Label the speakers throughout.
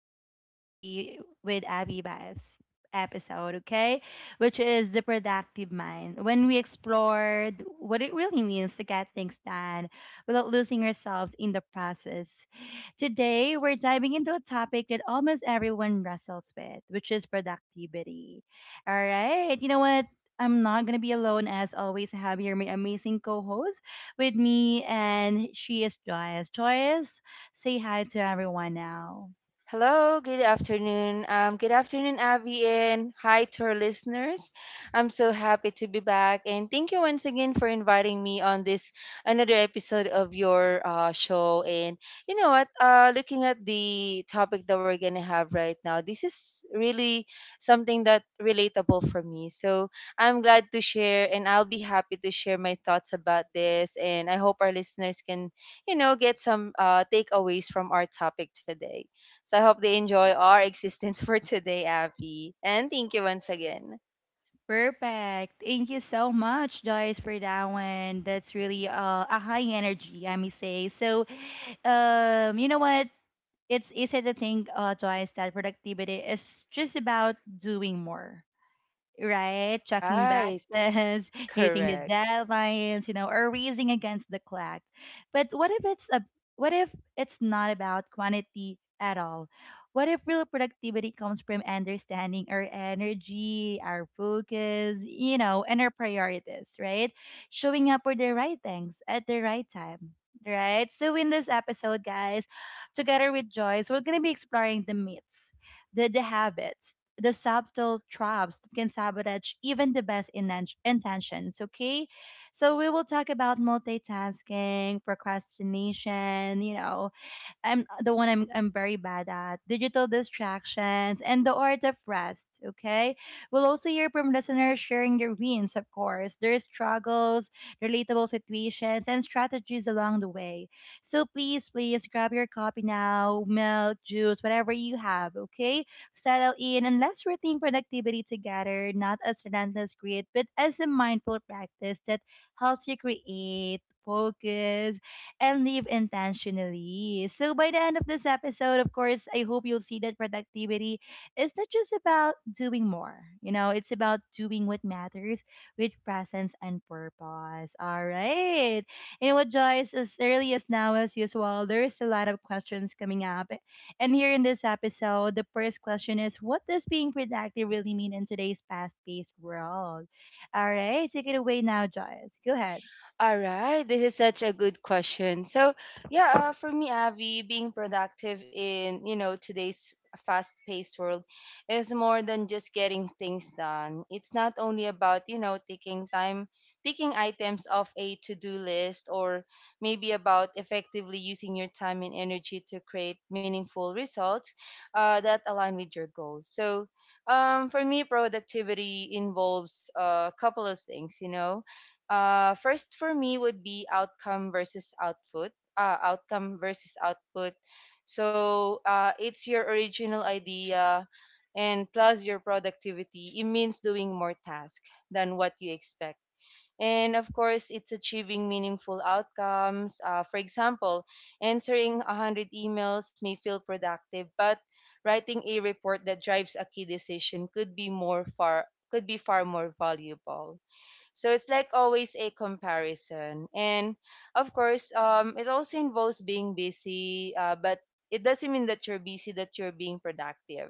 Speaker 1: is Abby with Abby Vibes episode, okay? Which is the productive mind, when we explored what it really means to get things done without losing ourselves in the process. Today, we're diving into a topic that almost everyone wrestles with, which is productivity. All right, you know what? I'm not gonna be alone as always. I have here my amazing co-host with me, and she is Joyce. Joyce, say hi to everyone now.
Speaker 2: Hello, good afternoon. Good afternoon, Abby, and hi to our listeners. I'm so happy to be back, and thank you once again for inviting me on this another episode of your show. And you know what? Looking at the topic that we're gonna have right now, this is really something that relatable for me. So I'm glad to share, and I'll be happy to share my thoughts about this. And I hope our listeners can, get some takeaways from our topic today. So I hope they enjoy our existence for today, Abby. And thank you once again.
Speaker 1: Perfect. Thank you so much, Joyce, for that one. That's really a high energy, I may say. So, you know what? It's easy to think, Joyce, that productivity is just about doing more, right? Checking
Speaker 2: Right.
Speaker 1: boxes, hitting the
Speaker 2: Correct.
Speaker 1: deadlines, you know, or racing against the clock. But what if it's not about quantity at all? What if real productivity comes from understanding our energy, our focus, you know, and our priorities, right? Showing up for the right things at the right time. Right. So in this episode, guys, together with Joyce, we're gonna be exploring the myths, the habits, the subtle traps that can sabotage even the best intentions. Okay, so we will talk about multitasking, procrastination, you know, I'm the one I'm very bad at digital distractions and the art of rest. Okay, we'll also hear from listeners sharing their wins, of course, their struggles, relatable situations, and strategies along the way. So please, please grab your copy now, milk, juice, whatever you have. Okay, settle in and let's rethink productivity together, not as relentless grit, but as a mindful practice that helps you create. Focus and live intentionally. So by the end of this episode, of course, I hope you'll see that productivity is not just about doing more. You know, it's about doing what matters with presence and purpose. All right. You know what, Joyce, as early as now as usual, there's a lot of questions coming up. And here in this episode, the first question is, what does being productive really mean in today's fast-paced world? All right, take it away now, Joyce. Go ahead.
Speaker 2: All right, this is such a good question. So, yeah, for me, Avi, being productive in today's fast-paced world is more than just getting things done. It's not only about taking time, taking items off a to-do list, or maybe about effectively using your time and energy to create meaningful results that align with your goals. So, for me, productivity involves a couple of things. First for me would be outcome versus output. Outcome versus output. So it's your original idea and plus your productivity. It means doing more tasks than what you expect. And of course, it's achieving meaningful outcomes. For example, answering 100 emails may feel productive, but writing a report that drives a key decision could be more far could be far more valuable. So it's like always a comparison. And of course, it also involves being busy, but it doesn't mean that you're busy, that you're being productive.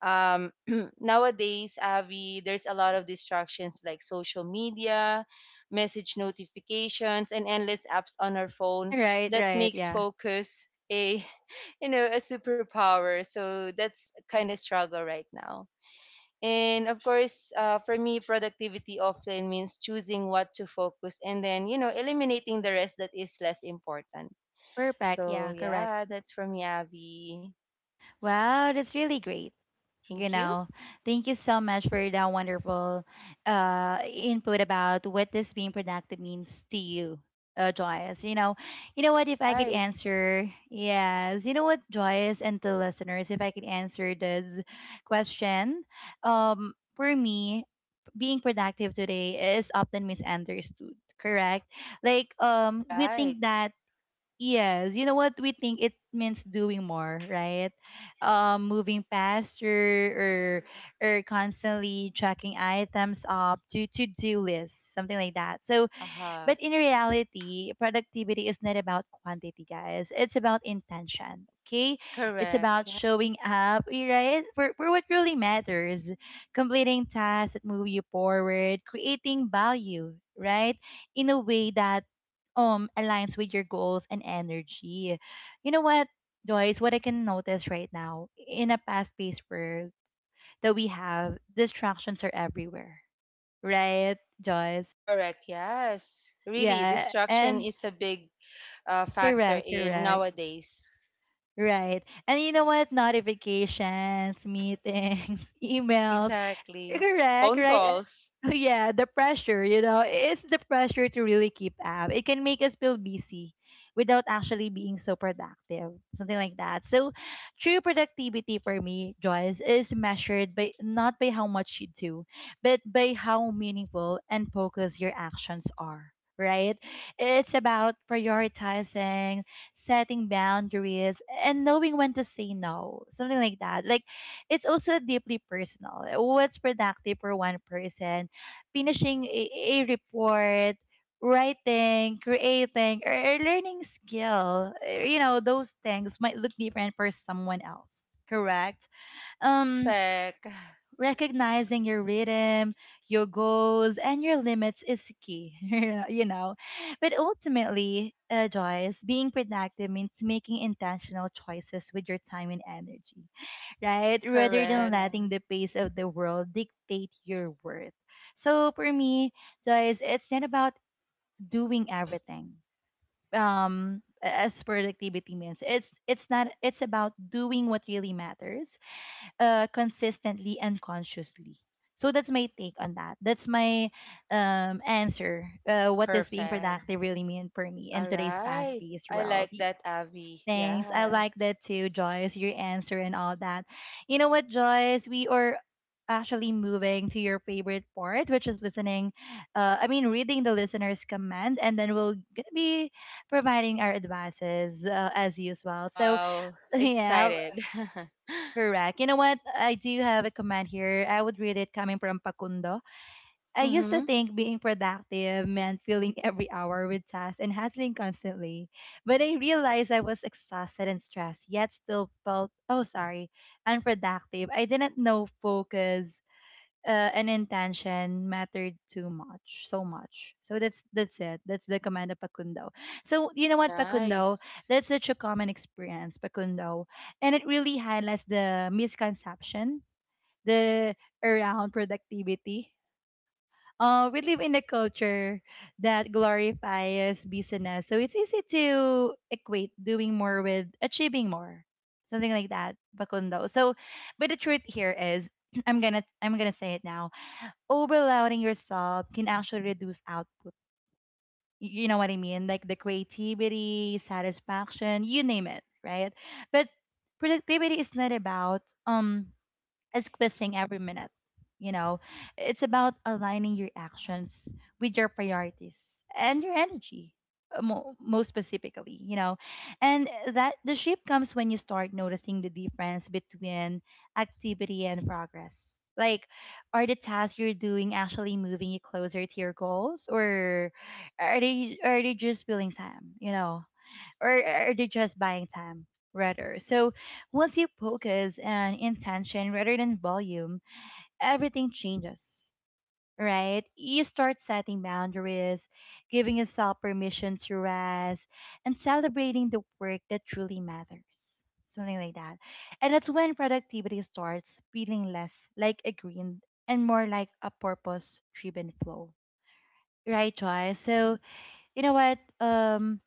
Speaker 2: Um, Nowadays, Avi, there's a lot of distractions like social media, message notifications, and endless apps on our phone
Speaker 1: Right,
Speaker 2: that
Speaker 1: right,
Speaker 2: makes
Speaker 1: yeah.
Speaker 2: focus a a superpower. So that's kind of struggle right now, and of course, for me, productivity often means choosing what to focus and then, eliminating the rest that is less important.
Speaker 1: Perfect.
Speaker 2: So,
Speaker 1: Yeah, correct.
Speaker 2: yeah, that's for me, Abby.
Speaker 1: Wow, that's really great. You
Speaker 2: Thank you.
Speaker 1: know, thank you so much for that wonderful input about what this being productive means to you, Joyous. You know what? If I could
Speaker 2: Right.
Speaker 1: answer, yes. You know what, Joyous and the listeners, if I could answer this question, for me, being productive today is often misunderstood. Correct. Like,
Speaker 2: Right,
Speaker 1: we
Speaker 2: right.
Speaker 1: think that yes, you know what, we think it means doing more, right? Moving faster or constantly tracking items up to do lists, something like that. So
Speaker 2: Aha,
Speaker 1: but in reality, productivity is not about quantity, guys. It's about intention. Okay? It's
Speaker 2: correct,
Speaker 1: about showing up, right? For what really matters. Completing tasks that move you forward, creating value, right? In a way that aligns with your goals and energy. You know what, Joyce, what I can notice right now in a fast paced world that we have, distractions are everywhere. Right, Joyce?
Speaker 2: correct. Yes, really,
Speaker 1: Yeah.
Speaker 2: distraction
Speaker 1: And
Speaker 2: is a big factor
Speaker 1: correct,
Speaker 2: in
Speaker 1: correct.
Speaker 2: nowadays.
Speaker 1: Right. And you know what? Notifications, meetings, emails,
Speaker 2: Exactly.
Speaker 1: correct,
Speaker 2: Phone
Speaker 1: right?
Speaker 2: calls.
Speaker 1: Yeah, the pressure, you know, it's the pressure to really keep up. It can make us feel busy without actually being so productive, something like that. So, true productivity for me, Joyce, is measured by not by how much you do, but by how meaningful and focused your actions are, right? It's about prioritizing, setting boundaries, and knowing when to say no, something like that. Like, it's also deeply personal. What's productive for one person, finishing a report, writing, creating, or learning skill, you know, those things might look different for someone else, correct? Um,
Speaker 2: Perfect.
Speaker 1: recognizing your rhythm, your goals, and your limits is key, you know. But ultimately, Joyce, being productive means making intentional choices with your time and energy, right? Rather than, yeah,
Speaker 2: Correct.
Speaker 1: letting the pace of the world dictate your worth. So for me, guys, it's not about doing everything. Um, as productivity means, it's not it's about doing what really matters consistently and consciously. So that's my take on that. That's my answer, what does being
Speaker 2: Perfect.
Speaker 1: productive really mean for me in
Speaker 2: All
Speaker 1: today's, mhm, fast
Speaker 2: right.
Speaker 1: paced
Speaker 2: I
Speaker 1: world.
Speaker 2: like that, Abby.
Speaker 1: Thanks. I
Speaker 2: Yeah.
Speaker 1: like that too, Joyce, your answer and all that. You know what, Joyce? We are actually moving to your favorite part, which is listening, I mean, reading the listener's comment, and then we'll be providing our advices as usual. So,
Speaker 2: Wow.
Speaker 1: yeah,
Speaker 2: Excited.
Speaker 1: correct. You know what? I do have a comment here. I would read it coming from Pakundo. I used to
Speaker 2: Mm-hmm.
Speaker 1: think being productive meant filling every hour with tasks and hustling constantly, but I realized I was exhausted and stressed, yet still felt, oh, sorry, unproductive. I didn't know focus and intention mattered too much, so much. So that's it. That's the command of Pakundo. So you know
Speaker 2: Oh,
Speaker 1: what, Pakundo?
Speaker 2: nice.
Speaker 1: That's such a common experience, Pakundo, and it really highlights the misconception, the around productivity. We live in a culture that glorifies business. So it's easy to equate doing more with achieving more, something like that, Bakundo. So, but the truth here is, I'm gonna say it now. Overloading yourself can actually reduce output. You know what I mean? Like the creativity, satisfaction, you name it, right? But productivity is not about um squeezing every minute. You know, it's about aligning your actions with your priorities and your energy, most specifically, you know. And that the shift comes when you start noticing the difference between activity and progress. Like, are the tasks you're doing actually moving you closer to your goals, or are they just filling time? You know, or are they just buying time rather? So once you focus on intention rather than volume, everything changes, right? You start setting boundaries, giving yourself permission to rest, and celebrating the work that truly matters. Something like that. And that's when productivity starts feeling less like a green and more like a purpose driven flow. Right, Joy? So, you know what?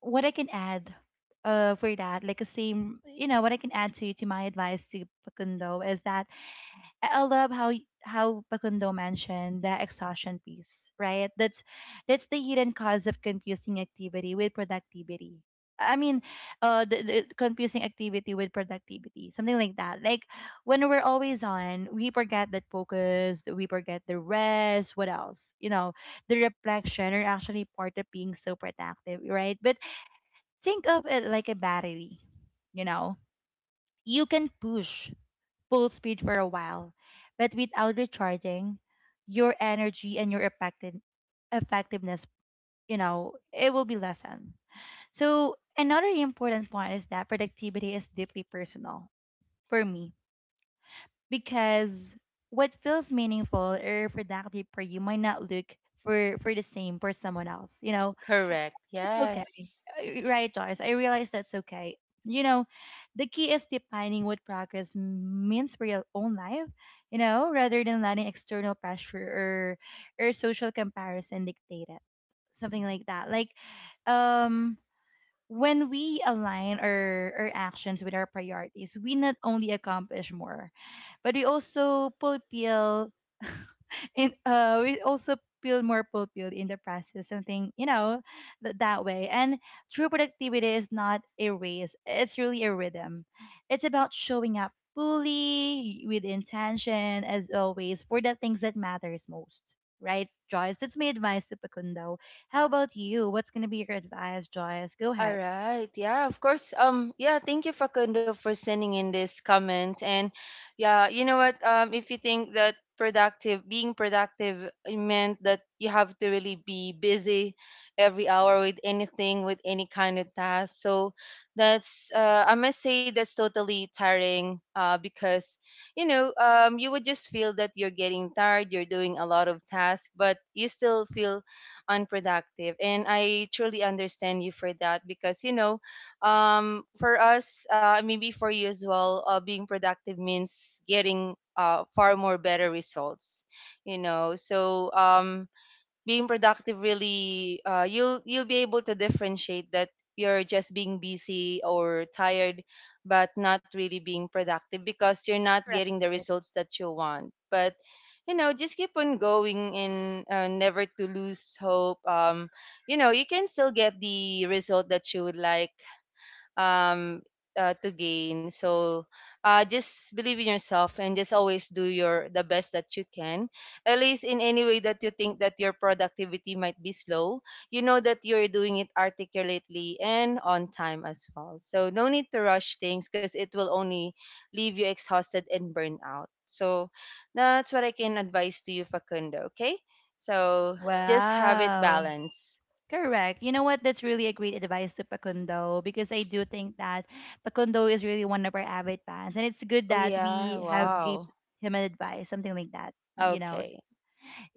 Speaker 1: What I can add for that, like a same, you know, what I can add to my advice to Pakundo is that I love how how Pakundo mentioned the exhaustion piece, right? That's the hidden cause of confusing activity with productivity. I mean, the confusing activity with productivity, something like that. Like when we're always on, we forget that focus, we forget the rest. What else? You know, the reflection are actually part of being so productive, right? But think of it like a battery. You know, you can push full speed for a while, but without recharging, your energy and your effectiveness, you know, it will be lessened. So, another important point is that productivity is deeply personal for me because what feels meaningful or productive for you might not look for the same for someone else. You know,
Speaker 2: Correct.
Speaker 1: okay.
Speaker 2: Yes.
Speaker 1: Right, Joyce. I realize that's okay. You know, the key is defining what progress means for your own life, you know, rather than letting external pressure or social comparison dictate it. Something like that. Like um when we align our actions with our priorities, we not only accomplish more, but we also fulfill and we also feel more fulfilled in the process, something, you know, that way. And true productivity is not a race, it's really a rhythm. It's about showing up fully with intention as always for the things that matters most, right, Joyce? That's my advice to Pakundo. How about you, what's going to be your advice, Joyce? Go
Speaker 2: All
Speaker 1: ahead.
Speaker 2: right. Yeah, of course. Yeah, thank you, Facundo, for sending in this comment. And yeah, you know what if you think that productive being productive meant that you have to really be busy every hour with anything, with any kind of task. So that's I must say that's totally tiring because you would just feel that you're getting tired, you're doing a lot of tasks but you still feel unproductive. And I truly understand you for that because, for us, maybe for you as well, being productive means getting far more better results, you know. So, being productive really you'll be able to differentiate that you're just being busy or tired but not really being productive because you're not
Speaker 1: Correct.
Speaker 2: getting the results that you want. But you know, just keep on going and never to lose hope. You know, you can still get the result that you would like um, to gain. So just believe in yourself and just always do your the best that you can. At least in any way that you think that your productivity might be slow, you know that you're doing it articulately and on time as well. So no need to rush things because it will only leave you exhausted and burned out. So that's what I can advise to you, Facundo. Okay. So just have it
Speaker 1: Wow.
Speaker 2: balanced.
Speaker 1: Correct. You know what? That's really a great advice to Pakundo because I do think that Pakundo is really one of our avid fans, and it's
Speaker 2: Oh
Speaker 1: good that
Speaker 2: yeah,
Speaker 1: we have gave
Speaker 2: wow.
Speaker 1: him an advice, something like that. You know,
Speaker 2: Okay.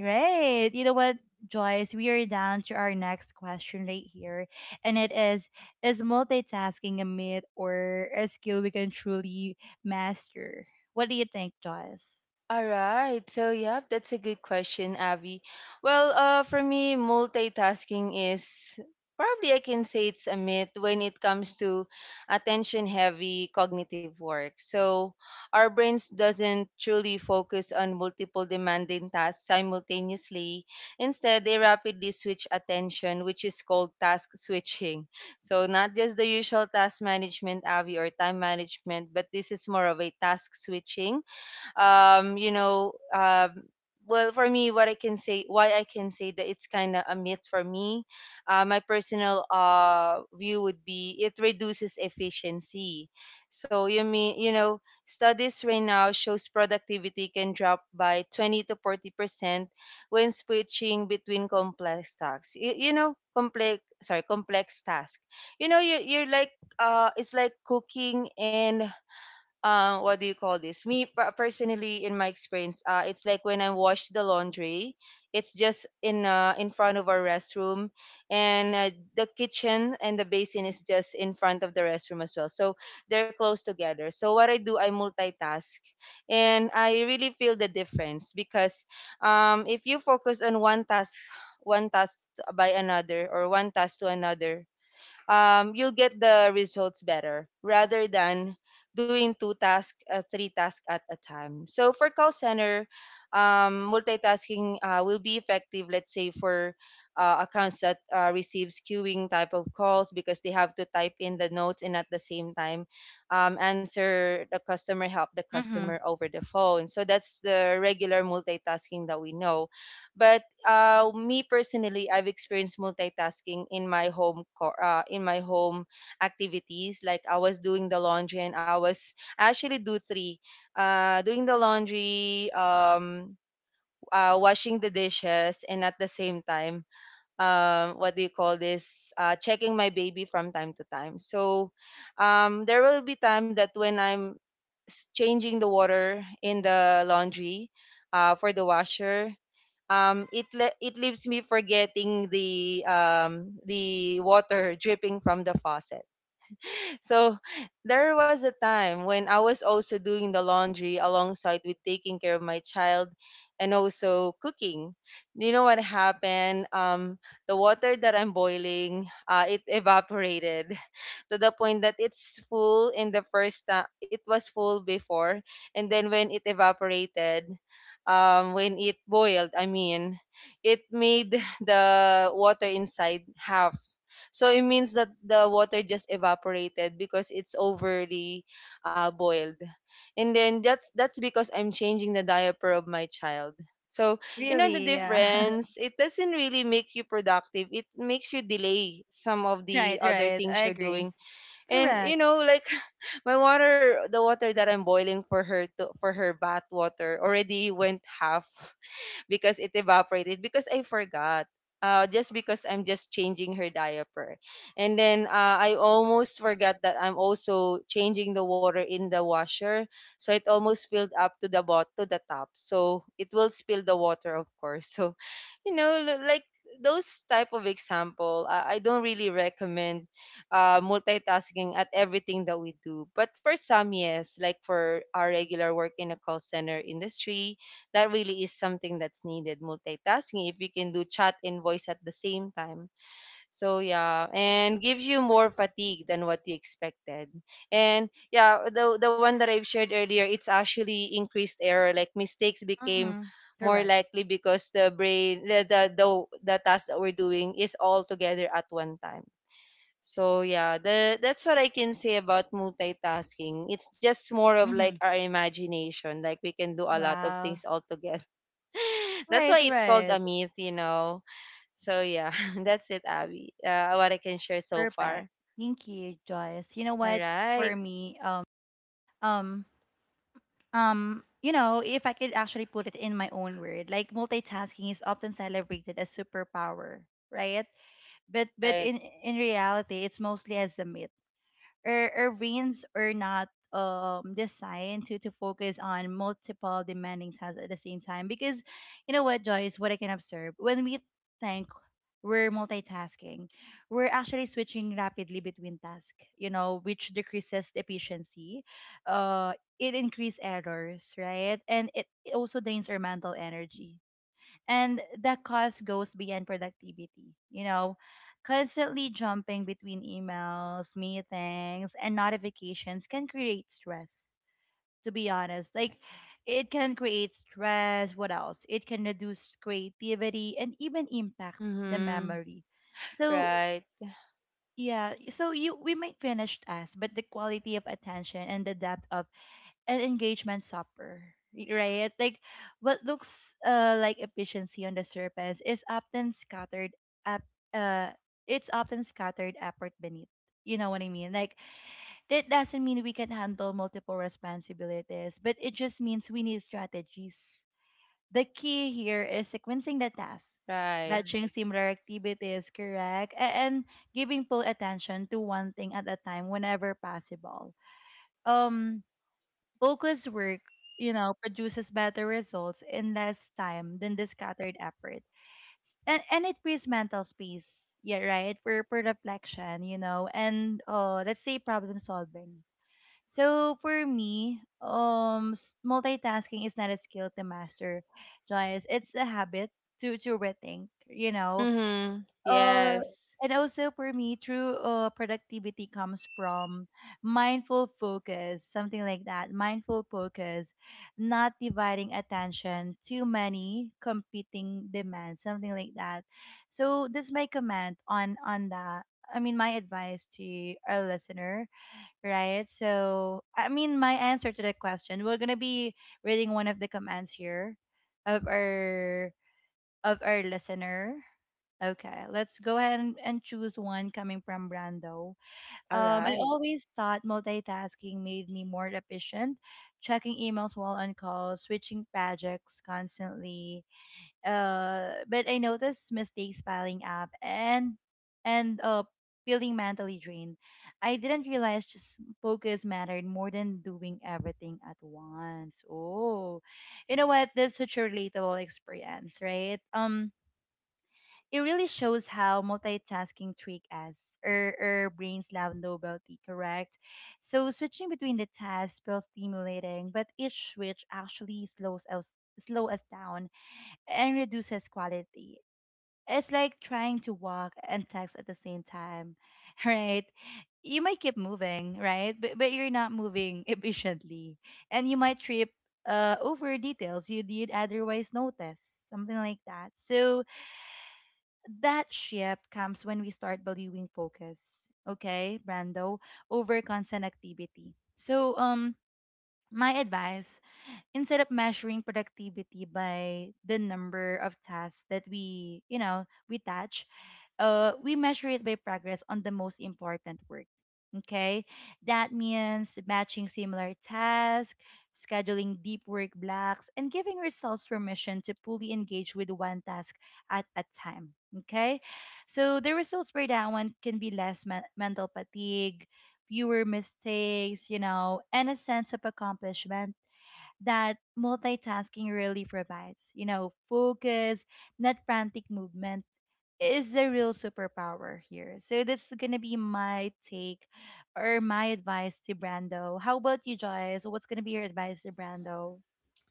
Speaker 1: right? You know what, Joyce? We are down to our next question right here, and it is multitasking a myth or a skill we can truly master? What do you think, Joyce?
Speaker 2: All right. So, yep, that's a good question, Avi. Well, for me, multitasking is probably I can say it's a myth when it comes to attention heavy cognitive work. So, our brains doesn't truly focus on multiple demanding tasks simultaneously. Instead, they rapidly switch attention, which is called task switching. So, not just the usual task management, Avi, or time management, but this is more of a task switching um, you know, um, well, for me, what I can say, why I can say that it's kind of a myth for me, my personal view would be it reduces efficiency. So you mean you know studies right now shows productivity can drop by 20 to 40% when switching between complex tasks. Complex sorry complex task. You know, you're like, it's like cooking and what do you call this? Personally, in my experience, it's like when I wash the laundry, it's just in front of our restroom, and the kitchen and the basin is just in front of the restroom as well. So they're close together. So what I do, I multitask, and I really feel the difference because if you focus on one task, one task by another, or one task to another, you'll get the results better rather than doing two tasks, three tasks at a time. So for call center, multitasking will be effective, let's say, for accounts that receives queuing type of calls because they have to type in the notes and at the same time answer the customer, help the customer
Speaker 1: Mm-hmm.
Speaker 2: over the phone. So that's the regular multitasking that we know. But me personally, I've experienced multitasking in my home activities. Like I was doing the laundry, and I actually do three, doing the laundry, washing the dishes, and at the same time, what do you call this? Checking my baby from time to time. So, there will be time that when I'm changing the water in the laundry, for the washer, it leaves me forgetting the water dripping from the faucet. So there was a time when I was also doing the laundry alongside with taking care of my child and also cooking. You know what happened? The water that I'm boiling, it evaporated to the point that it's full in the first time. It was full before, and then when it evaporated, when it boiled, I mean, it made the water inside half, so it means that the water just evaporated because it's overly boiled. And then that's because I'm changing the diaper of my child. So you know the
Speaker 1: Really? Yeah.
Speaker 2: difference. It doesn't really make you productive. It makes you delay some of the
Speaker 1: Right.
Speaker 2: other
Speaker 1: Right. I
Speaker 2: things you're
Speaker 1: agree.
Speaker 2: doing. And you
Speaker 1: Correct.
Speaker 2: know, like the water that I'm boiling for her to for her bath water already went half because it evaporated because I forgot. Just because I'm just changing her diaper. And then I almost forgot that I'm also changing the water in the washer. So it almost filled up to the bot to the top. So it will spill the water, of course. So, you know, like those type of example, I don't really recommend multitasking at everything that we do. But for some, yes, like for our regular work in a call center industry, that really is something that's needed multitasking if you can do chat and voice at the same time. So yeah, and gives you more fatigue than what you expected. And yeah, the one that I've shared earlier, it's actually increased error, like mistakes became
Speaker 1: Mm-hmm.
Speaker 2: more
Speaker 1: Correct.
Speaker 2: likely because the brain the task that we're doing is all together at one time. So yeah, the that's what I can say about multitasking. It's just more of like
Speaker 1: Mm-hmm.
Speaker 2: our imagination, like we can do a lot of
Speaker 1: Wow.
Speaker 2: things all together. That's why
Speaker 1: Right,
Speaker 2: it's called a
Speaker 1: right.
Speaker 2: myth, you know. So yeah, that's it, Abby. What I can share so far.
Speaker 1: Perfect. Thank you, Joyce. You know
Speaker 2: All
Speaker 1: what?
Speaker 2: right.
Speaker 1: For me, um, you know, if I could actually put it in my own word, like multitasking is often celebrated as superpower, right? But but
Speaker 2: Right.
Speaker 1: in in reality, it's mostly as a myth. Our brains are not designed to focus on multiple demanding tasks at the same time, because you know what, Joyce? What I can observe, when we think we're multitasking, we're actually switching rapidly between tasks, you know, which decreases efficiency, uh it increases errors, right, and it also drains our mental energy. And the cost goes beyond productivity, you know. Constantly jumping between emails, meetings, and notifications can create stress. To be honest, like, it can create stress. What else? It can reduce creativity and even impact the
Speaker 2: Mm-hmm.
Speaker 1: memory. So
Speaker 2: Right.
Speaker 1: yeah, so you we might finish tasks, but the quality of attention and the depth of an engagement supper, right? Like what looks like efficiency on the surface is often scattered up uh it's often scattered effort beneath. You know what I mean? Like that doesn't mean we can handle multiple responsibilities, but it just means we need strategies. The key here is sequencing the tasks,
Speaker 2: Right.
Speaker 1: batching similar activities, correct, and giving full attention to one thing at a time whenever possible. Um Focused work, you know, produces better results in less time than the scattered effort. And it creates mental space, yeah, right, for, reflection, you know, and let's say problem solving. So for me, multitasking is not a skill to master, Joyce. It's a habit to rethink, you know,
Speaker 2: Mm-hmm.
Speaker 1: uh,
Speaker 2: Yes.
Speaker 1: and also for me, true productivity comes from mindful focus, something like that. Mindful focus, not dividing attention, too many competing demands, something like that. So that's my comment on that. I mean, my advice to our listener, right? So, I mean, my answer to the question. We're gonna be reading one of the comments here of our of our listener. Okay, let's go ahead and, choose one coming from Brando.
Speaker 2: All
Speaker 1: I
Speaker 2: right.
Speaker 1: always thought multitasking made me more efficient, checking emails while on call, switching projects constantly. But I noticed mistakes piling up and and uh feeling mentally drained. I didn't realize just focus mattered more than doing everything at once. Oh, you know what? That's such a relatable experience, right? It really shows how multitasking trick us or brains love novelty, correct? So switching between the tasks feels stimulating, but each switch actually slows us slow us down and reduces quality. It's like trying to walk and text at the same time, right? You might keep moving, right? But you're not moving efficiently, and you might trip over details you did otherwise notice, something like that. So that shift comes when we start valuing focus, okay, Brando, over constant activity. So, my advice, instead of measuring productivity by the number of tasks that we, you know, we touch, we measure it by progress on the most important work. Okay, that means matching similar tasks, scheduling deep work blocks, and giving ourselves permission to fully engage with one task at a time. Okay, so the results for that one can be less mental fatigue, fewer mistakes, you know, and a sense of accomplishment that multitasking really provides. You know, focus, not frantic movement, is the real superpower here. So that's gonna be my take or my advice to Brando. How about you, Joyce? What's gonna be your advice to Brando?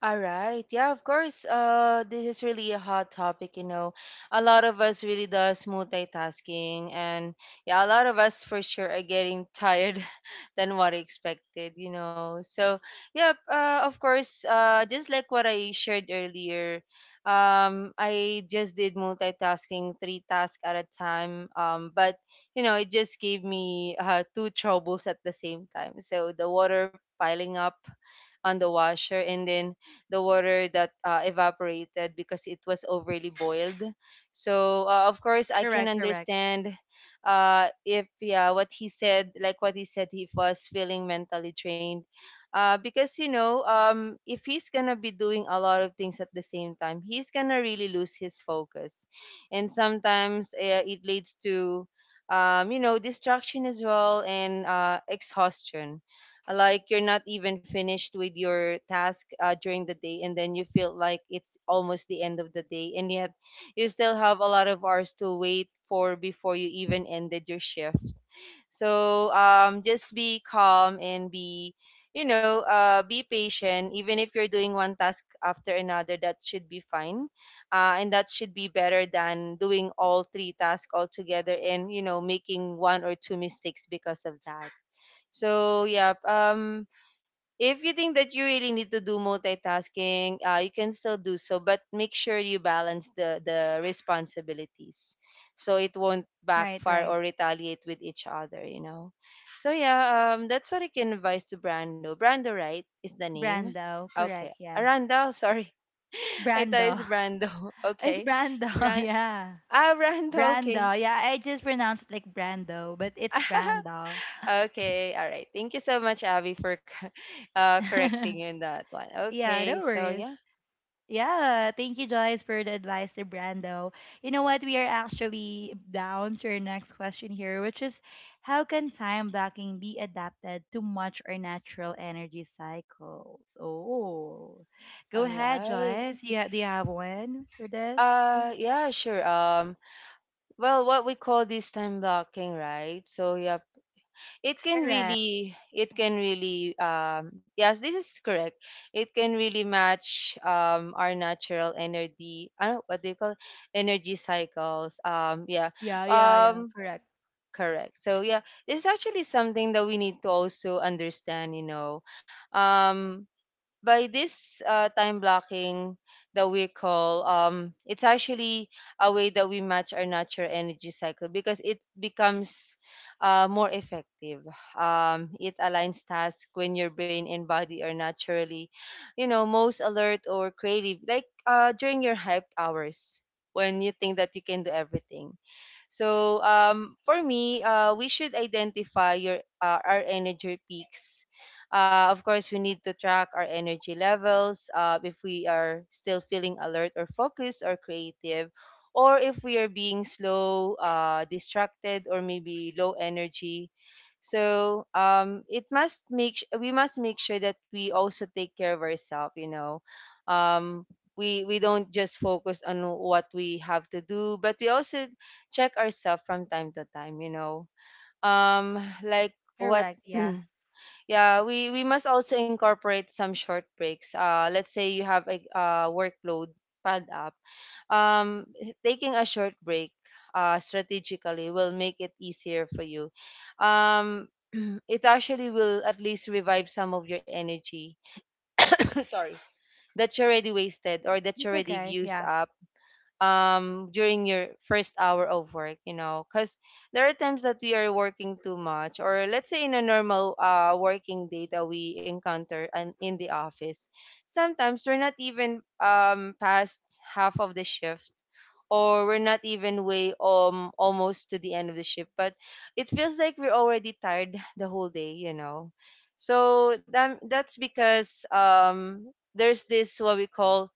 Speaker 2: All right. Yeah, of course. This is really a hot topic, you know. A lot of us really does multitasking, and yeah, a lot of us for sure are getting tired than what I expected, you know. So, yeah, of course, just like what I shared earlier, I just did multitasking three tasks at a time. But you know, it just gave me two troubles at the same time. So the water piling up on the washer, and then the water that evaporated because it was overly boiled. So of course I can
Speaker 1: Correct, correct.
Speaker 2: understand, if yeah, what he said. Like what he said, he was feeling mentally drained, because if he's gonna be doing a lot of things at the same time, he's gonna really lose his focus. And sometimes it leads to you know, distraction as well, and exhaustion. Like you're not even finished with your task during the day, and then you feel like it's almost the end of the day, and yet you still have a lot of hours to wait for before you even ended your shift. So just be calm and be, you know, be patient. Even if you're doing one task after another, that should be fine. And that should be better than doing all three tasks all together and, you know, making one or two mistakes because of that. So yeah, if you think that you really need to do multitasking, you can still do so, but make sure you balance the responsibilities, so it won't
Speaker 1: Right,
Speaker 2: backfire
Speaker 1: right.
Speaker 2: or retaliate with each other. You know. So yeah, that's what I can advise to Brando. Brando, right, is the name.
Speaker 1: Brando,
Speaker 2: Okay,
Speaker 1: correct, yeah.
Speaker 2: Aranda. Sorry, I thought
Speaker 1: Brando.
Speaker 2: it's Brando.
Speaker 1: It's
Speaker 2: Okay,
Speaker 1: Brando,
Speaker 2: Ran.
Speaker 1: yeah.
Speaker 2: Ah, Brando. Okay.
Speaker 1: Brando, yeah. I just pronounced it like Brando, but it's Brando.
Speaker 2: Okay, all right. Thank you so much, Abby, for co- correcting you in that one.
Speaker 1: Yeah,
Speaker 2: Okay,
Speaker 1: no
Speaker 2: so
Speaker 1: worries.
Speaker 2: yeah,
Speaker 1: Yeah, thank you, Joyce, for the advice to Brando. You know what? We are actually down to our next question here, which is how can time blocking be adapted to match our natural energy cycles? Oh, go
Speaker 2: all
Speaker 1: ahead,
Speaker 2: right.
Speaker 1: Joyce. Yeah, do you have one for this?
Speaker 2: Yeah, sure. Well, what we call this time blocking, right? So yeah,
Speaker 1: Correct.
Speaker 2: it can really, yes, this is correct. It can really match our natural energy. I don't know what they call energy cycles. Yeah.
Speaker 1: Yeah, yeah, yeah.
Speaker 2: Um,
Speaker 1: Correct.
Speaker 2: Correct. So yeah, it's actually something that we need to also understand, you know. Um, by this time blocking that we call, um, it's actually a way that we match our natural energy cycle, because it becomes more effective. Um, it aligns tasks when your brain and body are naturally, you know, most alert or creative, like during your hyped hours, when you think that you can do everything. So for me, we should identify your our energy peaks. Of course, we need to track our energy levels, if we are still feeling alert or focused or creative, or if we are being slow, distracted, or maybe low energy. So it must make sh- we must make sure that we also take care of ourselves. You know, um, we don't just focus on what we have to do, but we also check ourselves from time to time. You know, like what,
Speaker 1: Correct. Yeah.
Speaker 2: yeah, we must also incorporate some short breaks. Let's say you have a workload pad up. Um, taking a short break strategically will make it easier for you. Um, it actually will at least revive some of your energy. Sorry, that you already wasted or that you
Speaker 1: It's
Speaker 2: already
Speaker 1: okay.
Speaker 2: used
Speaker 1: Yeah.
Speaker 2: up during your first hour of work, you know, because there are times that we are working too much, or let's say in a normal working day that we encounter, and in the office sometimes we're not even past half of the shift, or we're not even way almost to the end of the shift, but it feels like we're already tired the whole day, you know. So that's because there's this what we call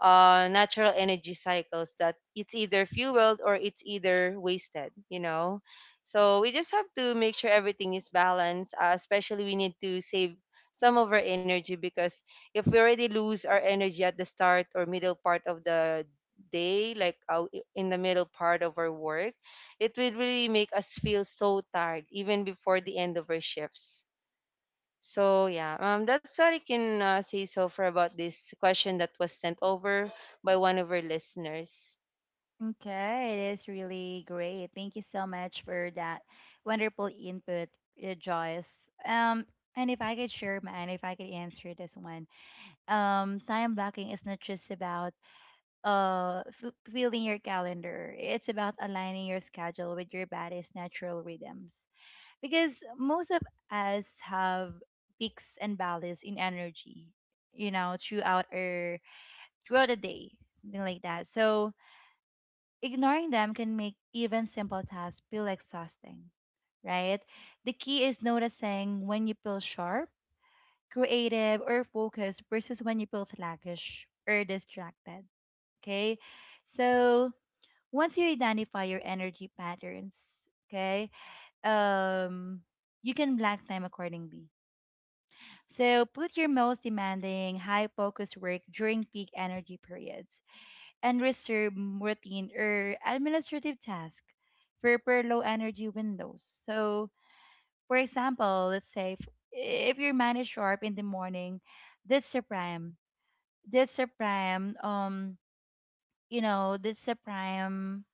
Speaker 2: natural energy cycles that it's either fueled or it's either wasted, you know. So we just have to make sure everything is balanced. Especially we need to save some of our energy, because if we already lose our energy at the start or middle part of the day, like in the middle part of our work, it will really make us feel so tired even before the end of our shifts. So yeah, that's what I can say so far about this question that was sent over by one of our listeners.
Speaker 1: Okay, it is really great. Thank you so much for that wonderful input, Joyce. And if I could share mine, if I could answer this one, time blocking is not just about filling your calendar. It's about aligning your schedule with your body's natural rhythms. Because most of us have peaks and valleys in energy, you know, throughout our throughout the day, something like that. So, ignoring them can make even simple tasks feel exhausting, right? The key is noticing when you feel sharp, creative, or focused versus when you feel sluggish or distracted, okay? So once you identify your energy patterns, okay, um, you can block time accordingly. So put your most demanding, high focus work during peak energy periods and reserve routine or administrative task for, low energy windows. So, for example, let's say if your mind is sharp in the morning, this is a prime, this is a prime, you know, this is a prime,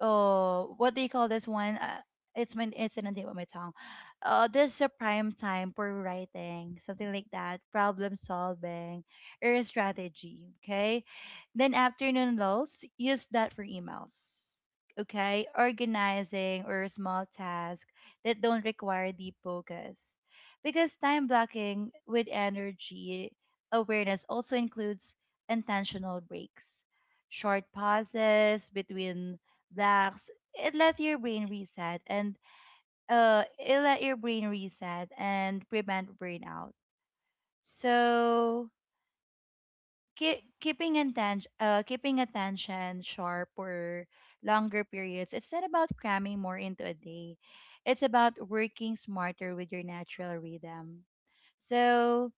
Speaker 1: oh, what do you call this one? It's my it's in the tip of my tongue. This is a prime time for writing, something like that, problem solving, or strategy. Okay, then afternoon lulls, use that for emails. Okay, organizing or small tasks that don't require deep focus, because time blocking with energy awareness also includes intentional breaks, short pauses between relax. It let your brain reset and it let your brain reset and prevent burnout. So keeping attention sharp for longer periods, it's not about cramming more into a day, it's about working smarter with your natural rhythm. So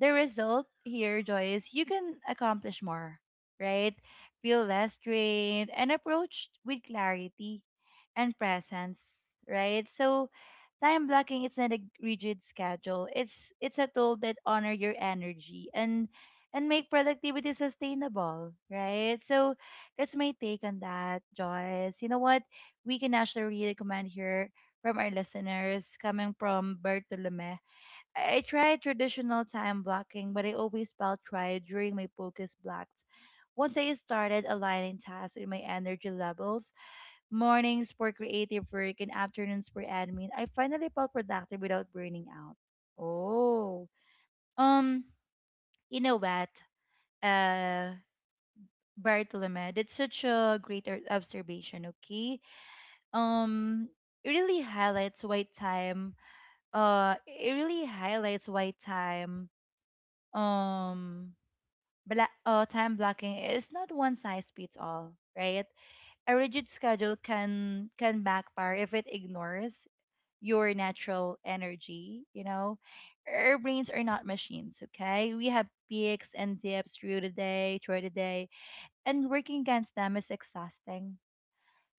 Speaker 1: the result here, Joy, is you can accomplish more, right, feel less drained and approached with clarity and presence, right? So time blocking is not a rigid schedule, it's a tool that honor your energy and make productivity sustainable, right? So that's my take on that, Joyce. You know what? We can actually really recommend here from our listeners coming from Bartolome. I tried traditional time blocking, but I always felt tired during my focus blocks. Once I started aligning tasks with my energy levels, mornings for creative work and afternoons for admin, I finally felt productive without burning out. Oh, um, you know what? uh Bartolome, that's such a great observation, okay? Um, it really highlights why time, it really highlights why time, um, bla- time blocking is not one size fits all, right? A rigid schedule can backfire if it ignores your natural energy, you know? Our brains are not machines, okay? We have peaks and dips through the day, and working against them is exhausting.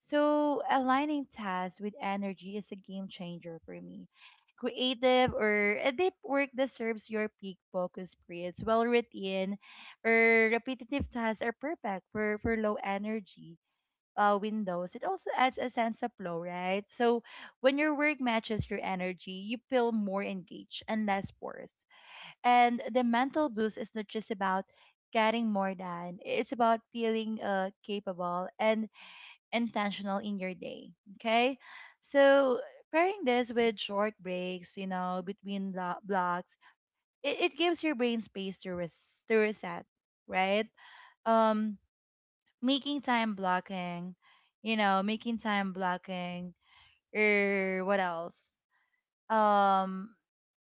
Speaker 1: So, aligning tasks with energy is a game changer for me. Creative or a deep work that serves your peak focus periods, well routine or repetitive tasks are perfect for, low energy windows. It also adds a sense of flow, right? So, when your work matches your energy, you feel more engaged and less forced. And the mental boost is not just about getting more done, it's about feeling capable and intentional in your day. Okay. So pairing this with short breaks, you know, between blocks, it gives your brain space to, to reset, right? Um, making time blocking, you know, or what else? Um,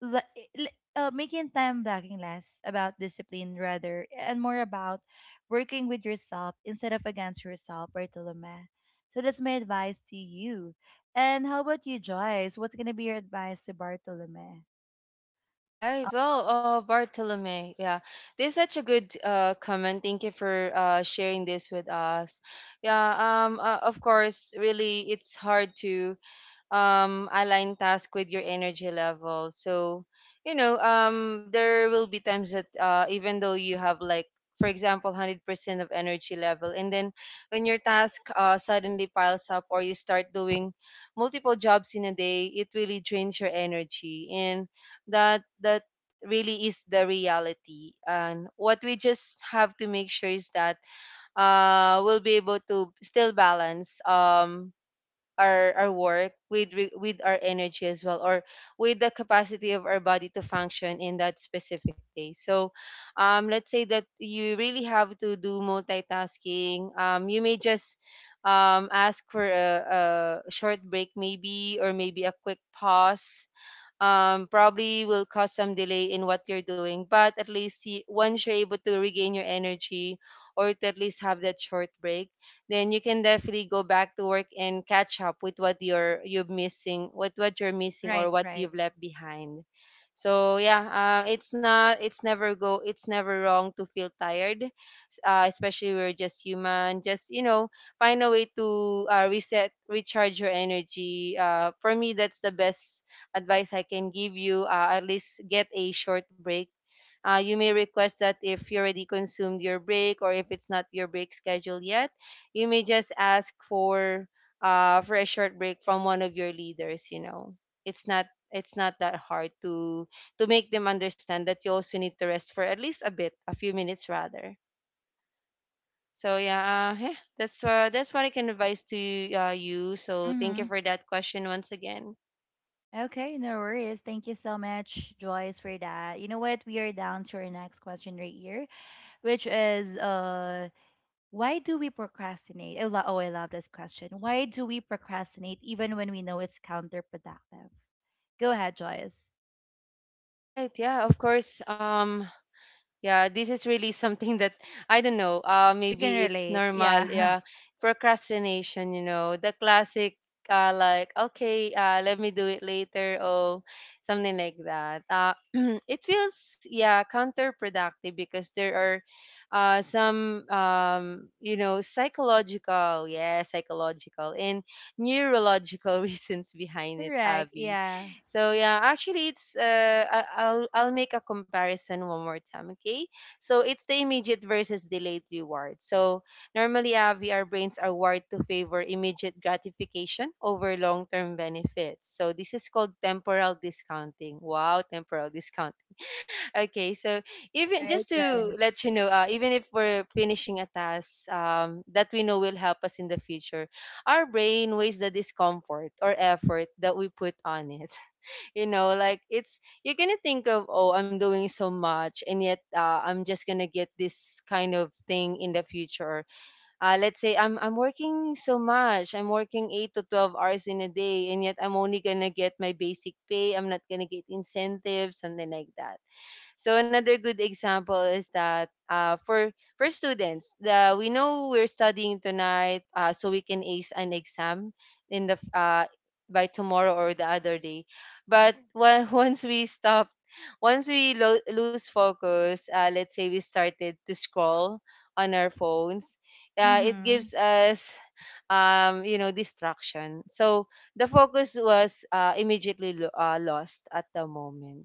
Speaker 1: li- li- making time blocking less about discipline rather and more about working with yourself instead of against yourself, Bartolome. So that's my advice to you. And how about you, Joyce? What's gonna be your advice to Bartolome? Uh,
Speaker 2: Right. Well, Bartolome, yeah, this is such a good comment. Thank you for sharing this with us. Yeah. Of course, really, it's hard to align task with your energy level. So you know, um, there will be times that even though you have like, for example, 100% of energy level, and then when your task suddenly piles up, or you start doing multiple jobs in a day, it really drains your energy. And that really is the reality. And what we just have to make sure is that we'll be able to still balance, um, our work with re- with our energy as well, or with the capacity of our body to function in that specific day. So let's say that you really have to do multitasking, um, you may just ask for a short break, maybe, or maybe a quick pause, probably will cause some delay in what you're doing. But at least see, once you're able to regain your energy, or to at least have that short break, then you can definitely go back to work and catch up with what you're missing, what you're missing,
Speaker 1: right,
Speaker 2: or what
Speaker 1: right.
Speaker 2: you've left behind. So yeah, it's not, it's never go, it's never wrong to feel tired, especially we're just human. Just you know, find a way to reset, recharge your energy. For me, that's the best advice I can give you, at least get a short break. You may request that if you already consumed your break, or if it's not your break schedule yet, you may just ask for a short break from one of your leaders. You know, it's not that hard to make them understand that you also need to rest for at least a bit, a few minutes rather. So yeah, yeah, that's what I can advise to you. So thank you
Speaker 1: Mm-hmm.
Speaker 2: for that question once again.
Speaker 1: Okay, no worries. Thank you so much, Joyce, for that. You know what? We are down to our next question right here, which is why do we procrastinate? Oh, I love this question. Why do we procrastinate even when we know it's counterproductive? Go ahead, Joyce.
Speaker 2: All right, yeah, of course. Yeah, this is really something that I don't know.
Speaker 1: We can
Speaker 2: Maybe it's
Speaker 1: relate.
Speaker 2: normal.
Speaker 1: Yeah.
Speaker 2: Yeah, procrastination. You know, the classic. Like okay, let me do it later, or something like that. It feels, yeah, counterproductive because there are some you know, psychological, yeah, psychological and neurological reasons behind it,
Speaker 1: Correct.
Speaker 2: Abby.
Speaker 1: Yeah.
Speaker 2: So yeah, actually it's I'll make a comparison one more time, okay? So it's the immediate versus delayed reward. So normally, Avi, our brains are wired to favor immediate gratification over long-term benefits. So this is called temporal discounting. Wow, temporal discount. Okay, so even
Speaker 1: Right.
Speaker 2: just
Speaker 1: Right.
Speaker 2: to let you know, even if we're finishing a task, that we know will help us in the future, our brain weighs the discomfort or effort that we put on it. You know, like it's, you're gonna think of, oh, I'm doing so much, and yet, I'm just gonna get this kind of thing in the future. Let's say I'm working so much, I'm working 8 to 12 hours in a day, and yet I'm only gonna get my basic pay, I'm not gonna get incentives, something like that. So another good example is that, for students, the we know we're studying tonight, so we can ace an exam in the by tomorrow or the other day. But once we stop, once we lose focus, let's say we started to scroll on our phones, it
Speaker 1: Mm-hmm.
Speaker 2: gives us you know, distraction. So the focus was immediately lost at the moment.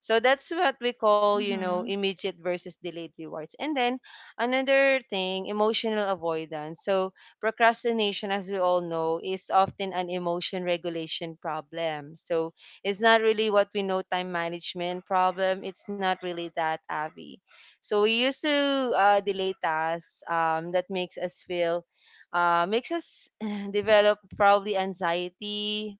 Speaker 2: So that's what we call, you know,
Speaker 1: Mm-hmm.
Speaker 2: immediate versus delayed rewards. And then another thing, emotional avoidance. So procrastination, as we all know, is often an emotion regulation problem. So it's not really what we know, time management problem. It's not really that, Abby. So we used to delay tasks, that makes us feel, makes us develop probably anxiety,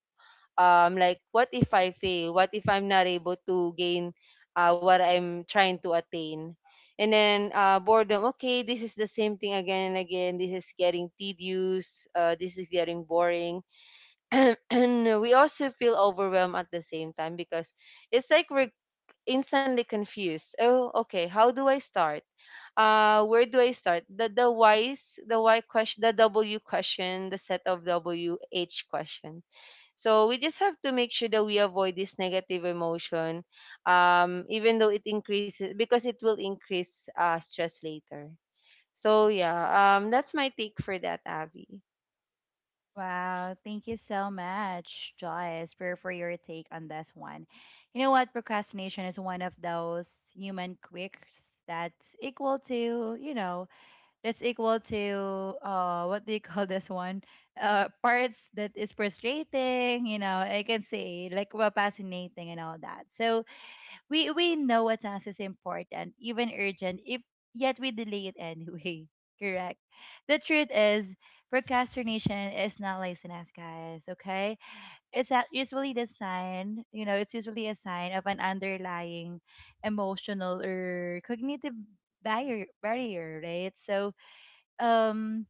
Speaker 2: um, like what if I fail, what if I'm not able to gain what I'm trying to attain. And then boredom, okay, this is the same thing again and again, this is getting tedious, this is getting boring. And we also feel overwhelmed at the same time, because it's like we're instantly confused, oh okay, how do I start, where do I start, the why's, the why question, the w question, the set of w h question. So we just have to make sure that we avoid this negative emotion, even though it increases, because it will increase stress later. So yeah, that's my take for that, Avi.
Speaker 1: Wow. Thank you so much, Joyce, for, your take on this one. You know what? Procrastination is one of those human quirks that's equal to, you know, that's equal to what do you call this one, parts that is frustrating, you know, I can say like, well, fascinating and all that. So we know a task is important, even urgent, if yet we delay it anyway, correct. The truth is procrastination is not laziness, guys, okay? Usually the sign, you know, it's usually a sign of an underlying emotional or cognitive barrier, right? So um,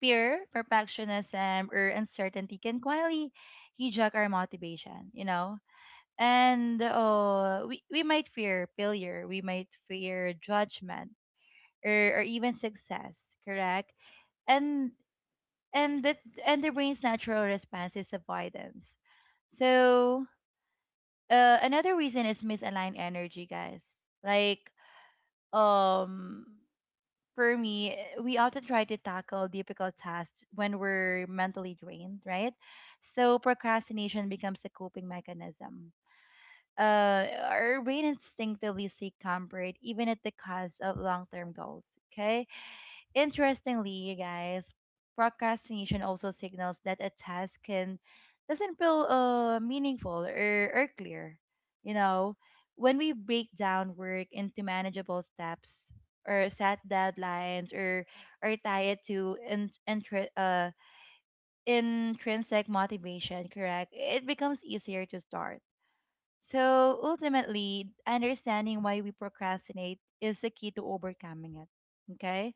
Speaker 1: fear, perfectionism, or uncertainty can quietly hijack our motivation, you know? And we, might fear failure, we might fear judgment, or, even success, correct? And and that and the brain's natural response is avoidance. So another reason is misaligned energy, guys. Like um for me, we often try to tackle difficult tasks when we're mentally drained, right? So procrastination becomes a coping mechanism. Uh, our brain instinctively seek comfort even at the cost of long-term goals. Okay, interestingly, you guys, procrastination also signals that a task can doesn't feel meaningful or, clear. You know, when we break down work into manageable steps or set deadlines or tie it to intrinsic motivation, correct? It becomes easier to start. So ultimately, understanding why we procrastinate is the key to overcoming it. Okay?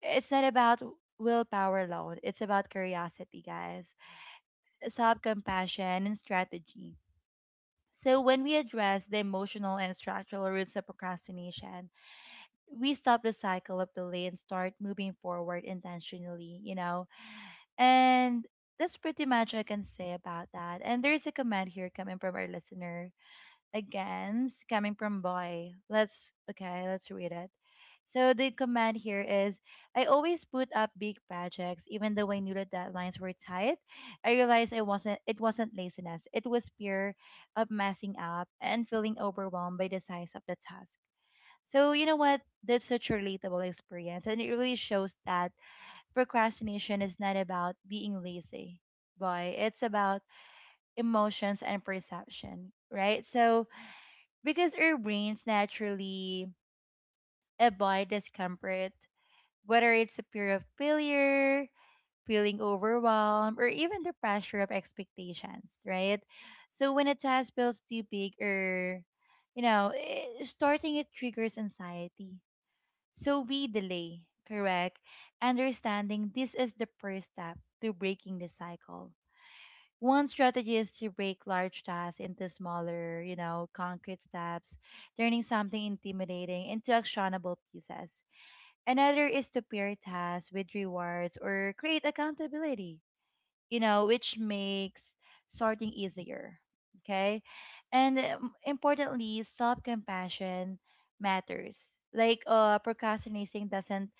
Speaker 1: It's not about willpower alone, it's about curiosity, guys, self compassion, and strategy. So, when we address the emotional and structural roots of procrastination, we stop the cycle of delay and start moving forward intentionally, you know? And that's pretty much I can say about that. And there's a comment here coming from our listener against coming from boy. Let's okay, let's read it. So the comment here is I always put up big projects even though I knew the deadlines were tight. I realized I wasn't it wasn't laziness. It was fear of messing up and feeling overwhelmed by the size of the task. So you know what? That's such a relatable experience and it really shows that procrastination is not about being lazy. Boy, it's about emotions and perception, right? So because our brains naturally avoid discomfort, whether it's a fear of failure, feeling overwhelmed, or even the pressure of expectations, right? So when a task feels too big or, starting it triggers anxiety. So we delay, correct? Understanding this is the first step to breaking the cycle. One strategy is to break large tasks into smaller, concrete steps, turning something intimidating into actionable pieces. Another is to pair tasks with rewards or create accountability, you know, which makes sorting easier. Okay. And importantly, self compassion matters. Procrastinating doesn't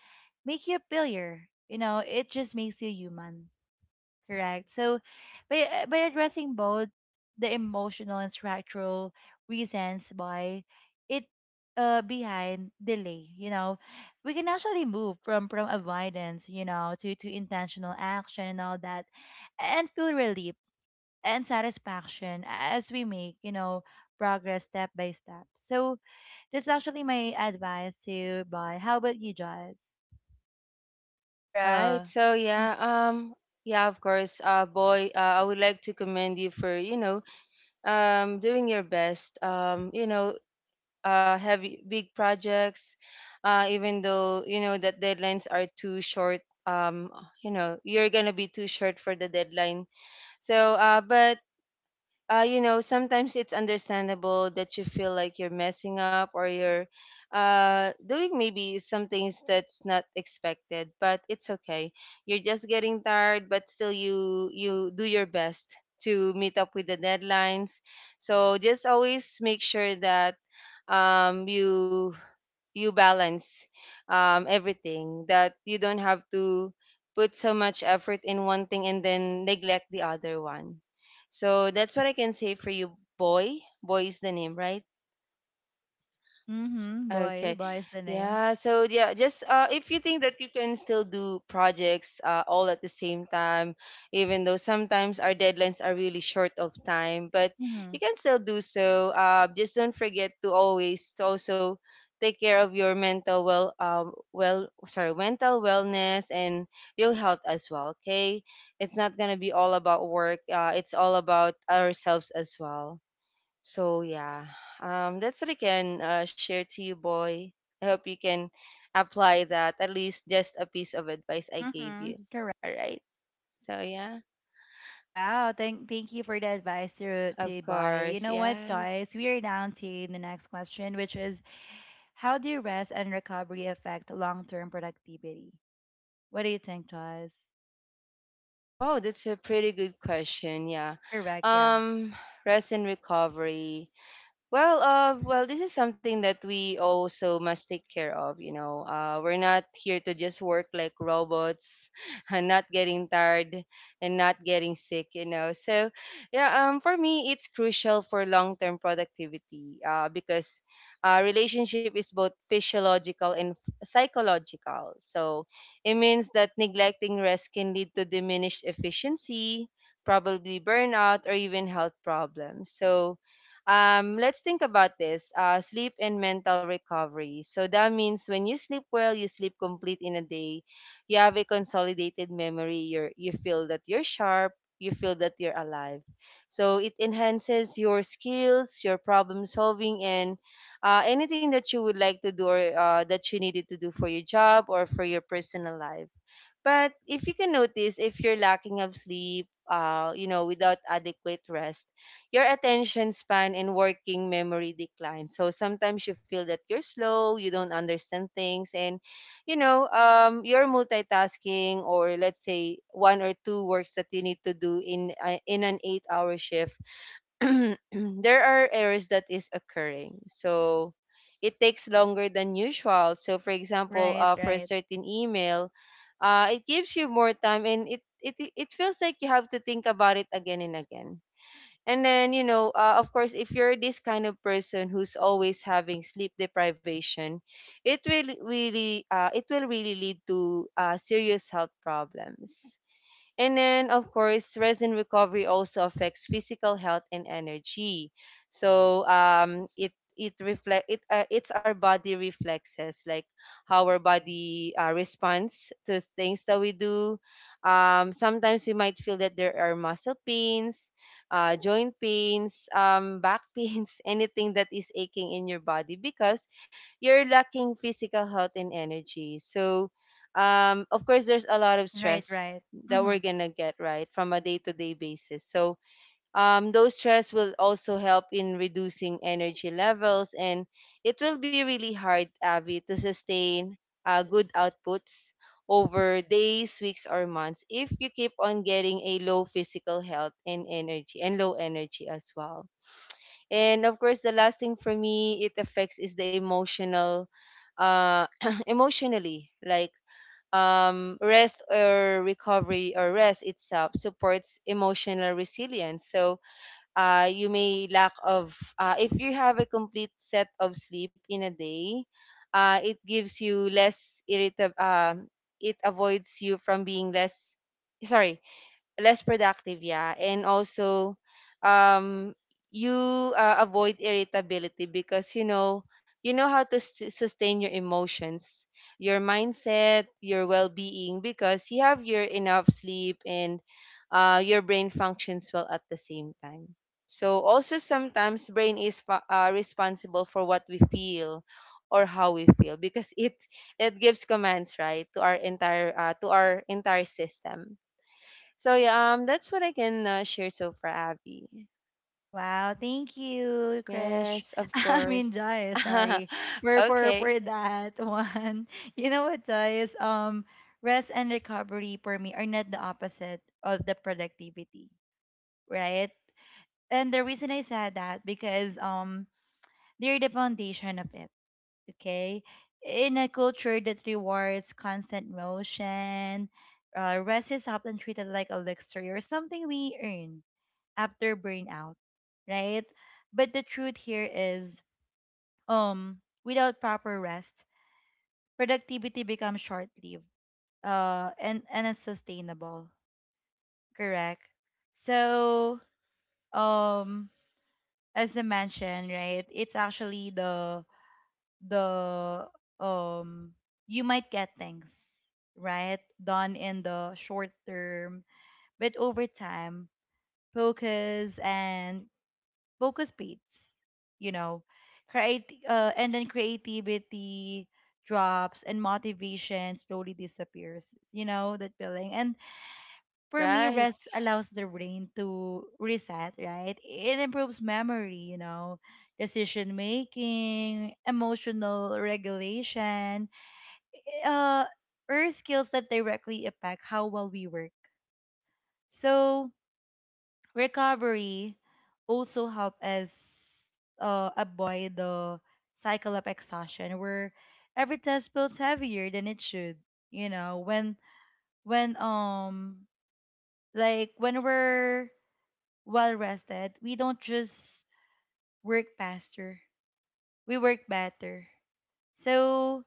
Speaker 1: make you a failure, you know, it just makes you human. Correct. So by addressing both the emotional and structural reasons why it behind delay, you know, we can actually move from avoidance, you know, to intentional action and all that, and feel relief and satisfaction as we make, you know, progress step by step. So that's actually my advice to you, Boy. How about you, Joyce?
Speaker 2: All right.
Speaker 1: Uh
Speaker 2: So yeah, yeah, of course, boy, I would like to commend you for, you know, doing your best. You know, heavy big projects, even though you know that deadlines are too short. You're gonna be too short for the deadline. So, but sometimes it's understandable that you feel like you're messing up or you're doing maybe some things that's not expected. But it's okay. You're just getting tired, but still you do your best to meet up with the deadlines. So just always make sure that um, you you balance everything, that you don't have to put so much effort in one thing and then neglect the other one. So that's what I can say for you, boy. Boy is the name, right?
Speaker 1: mm-hmm, Boy.
Speaker 2: Okay.
Speaker 1: Boy is the name.
Speaker 2: Yeah. So yeah, just if you think that you can still do projects all at the same time, even though sometimes our deadlines are really short of time, but you can still do so. Just don't forget to always to also take care of your mental well, sorry, mental wellness and your health as well. Okay, it's not gonna be all about work. It's all about ourselves as well. So yeah, that's what I can share to you, boy. I hope you can apply that, at least just a piece of advice I gave
Speaker 1: Mm-hmm.
Speaker 2: you.
Speaker 1: Correct.
Speaker 2: All right. So yeah,
Speaker 1: Wow. Thank you for the advice
Speaker 2: of
Speaker 1: to buy. You
Speaker 2: course,
Speaker 1: know what,
Speaker 2: yes.
Speaker 1: Joyce? We are down to the next question, which is how do rest and recovery affect long term productivity? What do you think, Joyce?
Speaker 2: Hey, wow, that's a pretty good question. Yeah.
Speaker 1: Correct, yeah.
Speaker 2: Um, rest and recovery. Well, this is something that we also must take care of. You know, we're not here to just work like robots, and not getting tired and not getting sick. You know, so yeah, for me, it's crucial for long-term productivity. Because relationship is both physiological and psychological. So it means that neglecting rest can lead to diminished efficiency, probably burnout, or even health problems. So let's think about this sleep and mental recovery. So that means when you sleep well, you sleep complete in a day, you have a consolidated memory, you feel that you're sharp, you feel that you're alive. So it enhances your skills, your problem solving, and anything that you would like to do or that you needed to do for your job or for your personal life. But if you can notice, if you're lacking of sleep, you know, without adequate rest, your attention span and working memory decline. So sometimes you feel that you're slow, you don't understand things, and you know, you're multitasking, or let's say one or two works that you need to do in an 8-hour shift, there are errors that is occurring. So it takes longer than usual. So for example,
Speaker 1: Right,
Speaker 2: for a
Speaker 1: right.
Speaker 2: certain email, it gives you more time and it feels like you have to think about it again and again. And then you know, of course, if you're this kind of person who's always having sleep deprivation, it will really lead to serious health problems. And then, of course, resin recovery also affects physical health and energy. So it it reflect it it's our body reflexes, like how our body responds to things that we do. Sometimes we might feel that there are muscle pains, joint pains, back pains, anything that is aching in your body because you're lacking physical health and energy. So of course, there's a lot of
Speaker 1: Right,
Speaker 2: stress
Speaker 1: right.
Speaker 2: that
Speaker 1: Mm-hmm.
Speaker 2: we're gonna get right from a day-to-day basis. So those stress will also help in reducing energy levels, and it will be really hard, Avi, to sustain good outputs over days, weeks or months, if you keep on getting a low physical health and energy and low energy as well. And of course the last thing for me it affects is the emotional, uh emotionally, like rest or recovery or rest itself supports emotional resilience. So you may lack of if you have a complete set of sleep in a day, it gives you less irritable. It avoids you from being less, sorry, less productive, yeah. And also um you avoid irritability, because you know how to sustain your emotions, your mindset, your well-being, because you have your enough sleep and your brain functions well at the same time. So also sometimes brain is responsible for what we feel or how we feel, because it gives commands, right, to our entire system. So yeah, that's what I can share so far, Abby.
Speaker 1: Wow, thank you, Krish.
Speaker 2: Yes, of
Speaker 1: I mean
Speaker 2: course.
Speaker 1: Joyce, sorry. For for
Speaker 2: Okay,
Speaker 1: for that one. You know what, Joyce? Rest and recovery for me are not the opposite of the productivity, right? And the reason I said that because they're the foundation of it, okay? In a culture that rewards constant motion, rest is often treated like a luxury or something we earn after burnout, right? But the truth here is, um, without proper rest, productivity becomes short-lived, and unsustainable. Correct. So, um, as I mentioned, right, it's actually the um you might get things right done in the short term, but over time, focus and focus beats, you know, create and then creativity drops and motivation slowly disappears. You know that feeling, and for me,
Speaker 2: right,
Speaker 1: rest allows the brain to reset, right? It improves memory, you know, decision making, emotional regulation, uh, or skills that directly affect how well we work. So, recovery also help us avoid the cycle of exhaustion where every test feels heavier than it should, you know, when, when, um, like when we're well rested, we don't just work faster, we work better. So,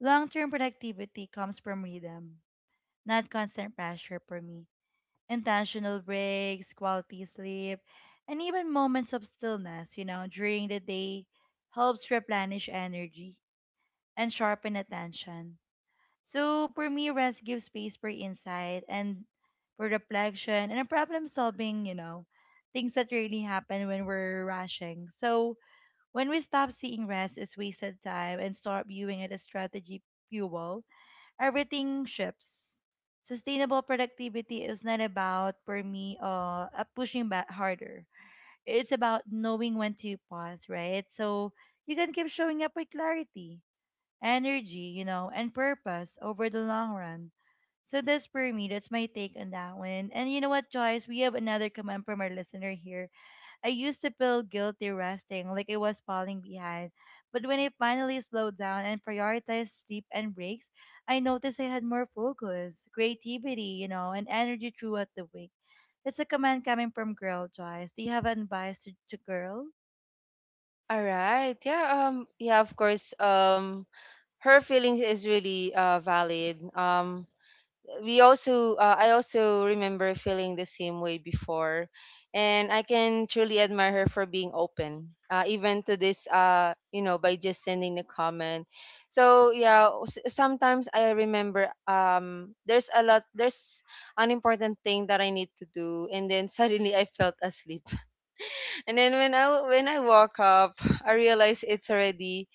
Speaker 1: long term productivity comes from rhythm, not constant pressure for me. Intentional breaks, quality sleep, and even moments of stillness, you know, during the day helps replenish energy and sharpen attention. So for me, rest gives space for insight and for reflection and a problem solving, you know, things that really happen when we're rushing. So when we stop seeing rest as wasted time and start viewing it as strategy fuel, everything shifts. Sustainable productivity is not about, for me, pushing back harder. It's about knowing when to pause, right? So you can keep showing up with clarity energy, you know, and purpose over the long run. So that's for me. That's my take on that one. And you know what, Joyce? We have another comment from our listener here. I used to feel guilty resting, like I was falling behind. But when I finally slowed down and prioritized sleep and breaks, I noticed I had more focus, creativity, you know, and energy throughout the week. That's a comment coming from Girl Joyce. Do you have advice to Girl?
Speaker 2: all right, yeah, yeah, of course. Her feelings is really valid. We also I also remember feeling the same way before, and I can truly admire her for being open, even to this you know, by just sending the comment. So yeah, sometimes I remember there's a lot there's an important thing that I need to do, and then suddenly I felt asleep, and then when I woke up, I realized it's already.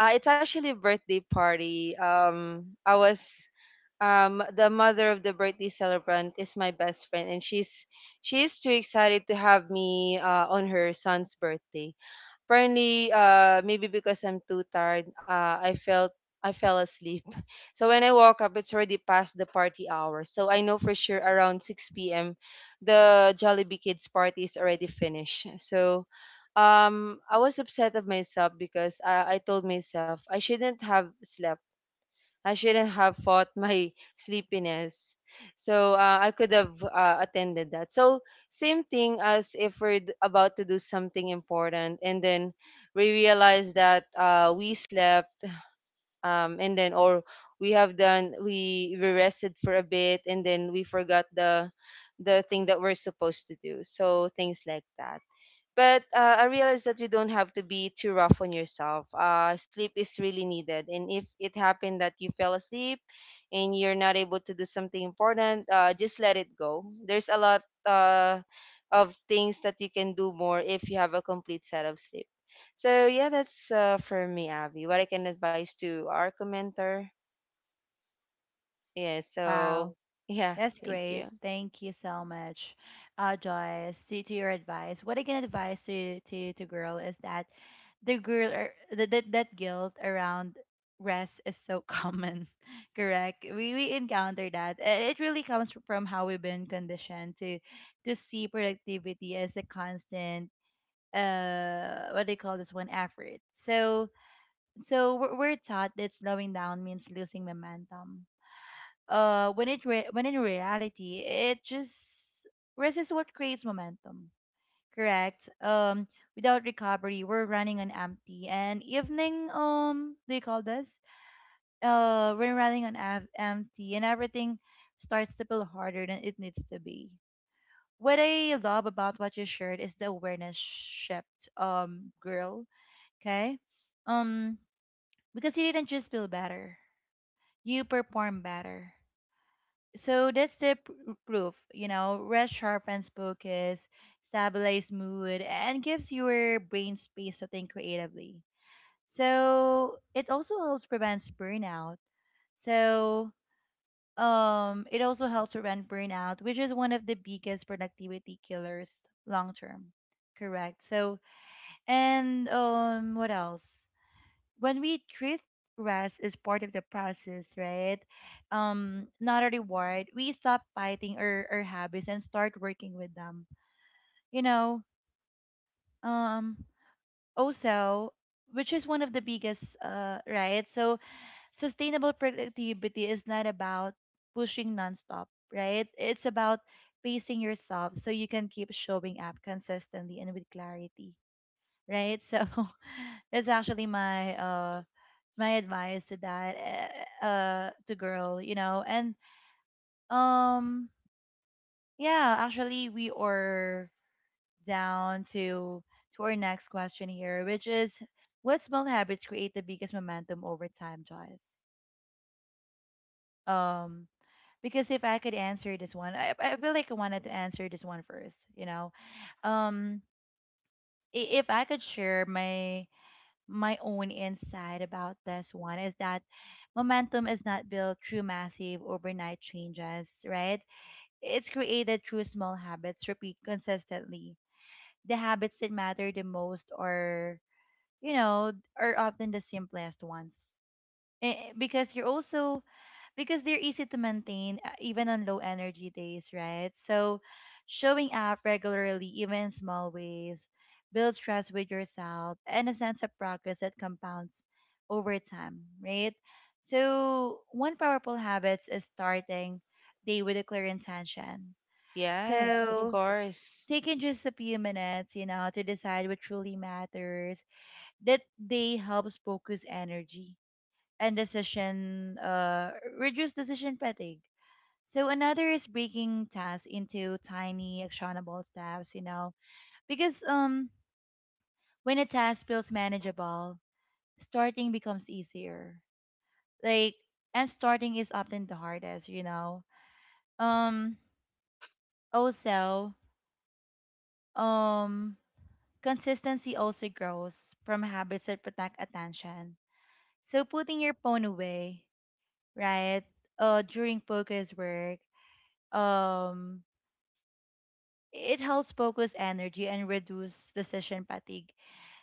Speaker 2: It's actually a birthday party. I was The mother of the birthday celebrant is my best friend, and she's too excited to have me on her son's birthday. Apparently, uh, maybe because I'm too tired, I fell asleep. So when I woke up it's already past the party hour, so I know for sure around 6 p.m. the Jollibee kids party is already finished. So I was upset of myself, because I told myself I shouldn't have slept, I shouldn't have fought my sleepiness. So I could have attended that. So same thing as if we're about to do something important, and then we realize that we slept, and then or we have done, we rested for a bit, and then we forgot the thing that we're supposed to do. So, things like that. But I realized that you don't have to be too rough on yourself. Sleep is really needed. And if it happened that you fell asleep and you're not able to do something important, just let it go. There's a lot of things that you can do more if you have a complete set of sleep. So, yeah, that's for me, Abby. What I can advise to our commenter. Yeah, so,
Speaker 1: Wow.
Speaker 2: yeah,
Speaker 1: That's
Speaker 2: thank
Speaker 1: great.
Speaker 2: you.
Speaker 1: Thank you so much, Joyce. To your advice, what I can advise to to girl is that the girl or the, that that guilt around rest is so common, correct? We encounter that. It really comes from how we've been conditioned to see productivity as a constant what do you call this one effort. So we're taught that slowing down means losing momentum. When in reality it just resists what creates momentum, correct. Without recovery we're running on empty, and evening they call this we're running on empty, and everything starts to feel harder than it needs to be. What I love about what you shared is the awareness shift. Girl, okay. um because you didn't just feel better, you perform better. So that's the proof. You know, rest sharpens focus, stabilizes mood, and gives your brain space to think creatively. So it also helps prevents burnout. So it also helps prevent burnout, which is one of the biggest productivity killers long term, correct? So and what else? When we treat rest as part of the process, right? Not a reward, we stop fighting our habits and start working with them. You know, um, also, which is one of the biggest, right? So, sustainable productivity is not about pushing nonstop, right? It's about pacing yourself so you can keep showing up consistently and with clarity, right? So that's actually my my advice to that to girl, you know. And um yeah, actually we are down to our next question here, which is what small habits create the biggest momentum over time, Joyce? Um because if I could answer this one, I feel like I wanted to answer this one first, you know. Um if I could share my own insight about this one is that momentum is not built through massive overnight changes, right? It's created through small habits repeat consistently. The habits that matter the most are, you know, are often the simplest ones. Because you're also because they're easy to maintain even on low energy days, right? So showing up regularly, even in small ways, builds trust with yourself and a sense of progress that compounds over time, right? So one powerful habits is starting day with a clear intention. Yes.
Speaker 2: Yes, of
Speaker 1: So
Speaker 2: course.
Speaker 1: taking just a few minutes, you know, to decide what truly matters that day helps focus energy and decision reduce decision fatigue. So another is breaking tasks into tiny actionable steps, you know, because when a task feels manageable, starting becomes easier. Like and starting is often the hardest, you know. Um Also, um consistency also grows from habits that protect attention. So putting your phone away, right? During focus work, um it helps focus energy and reduce decision fatigue.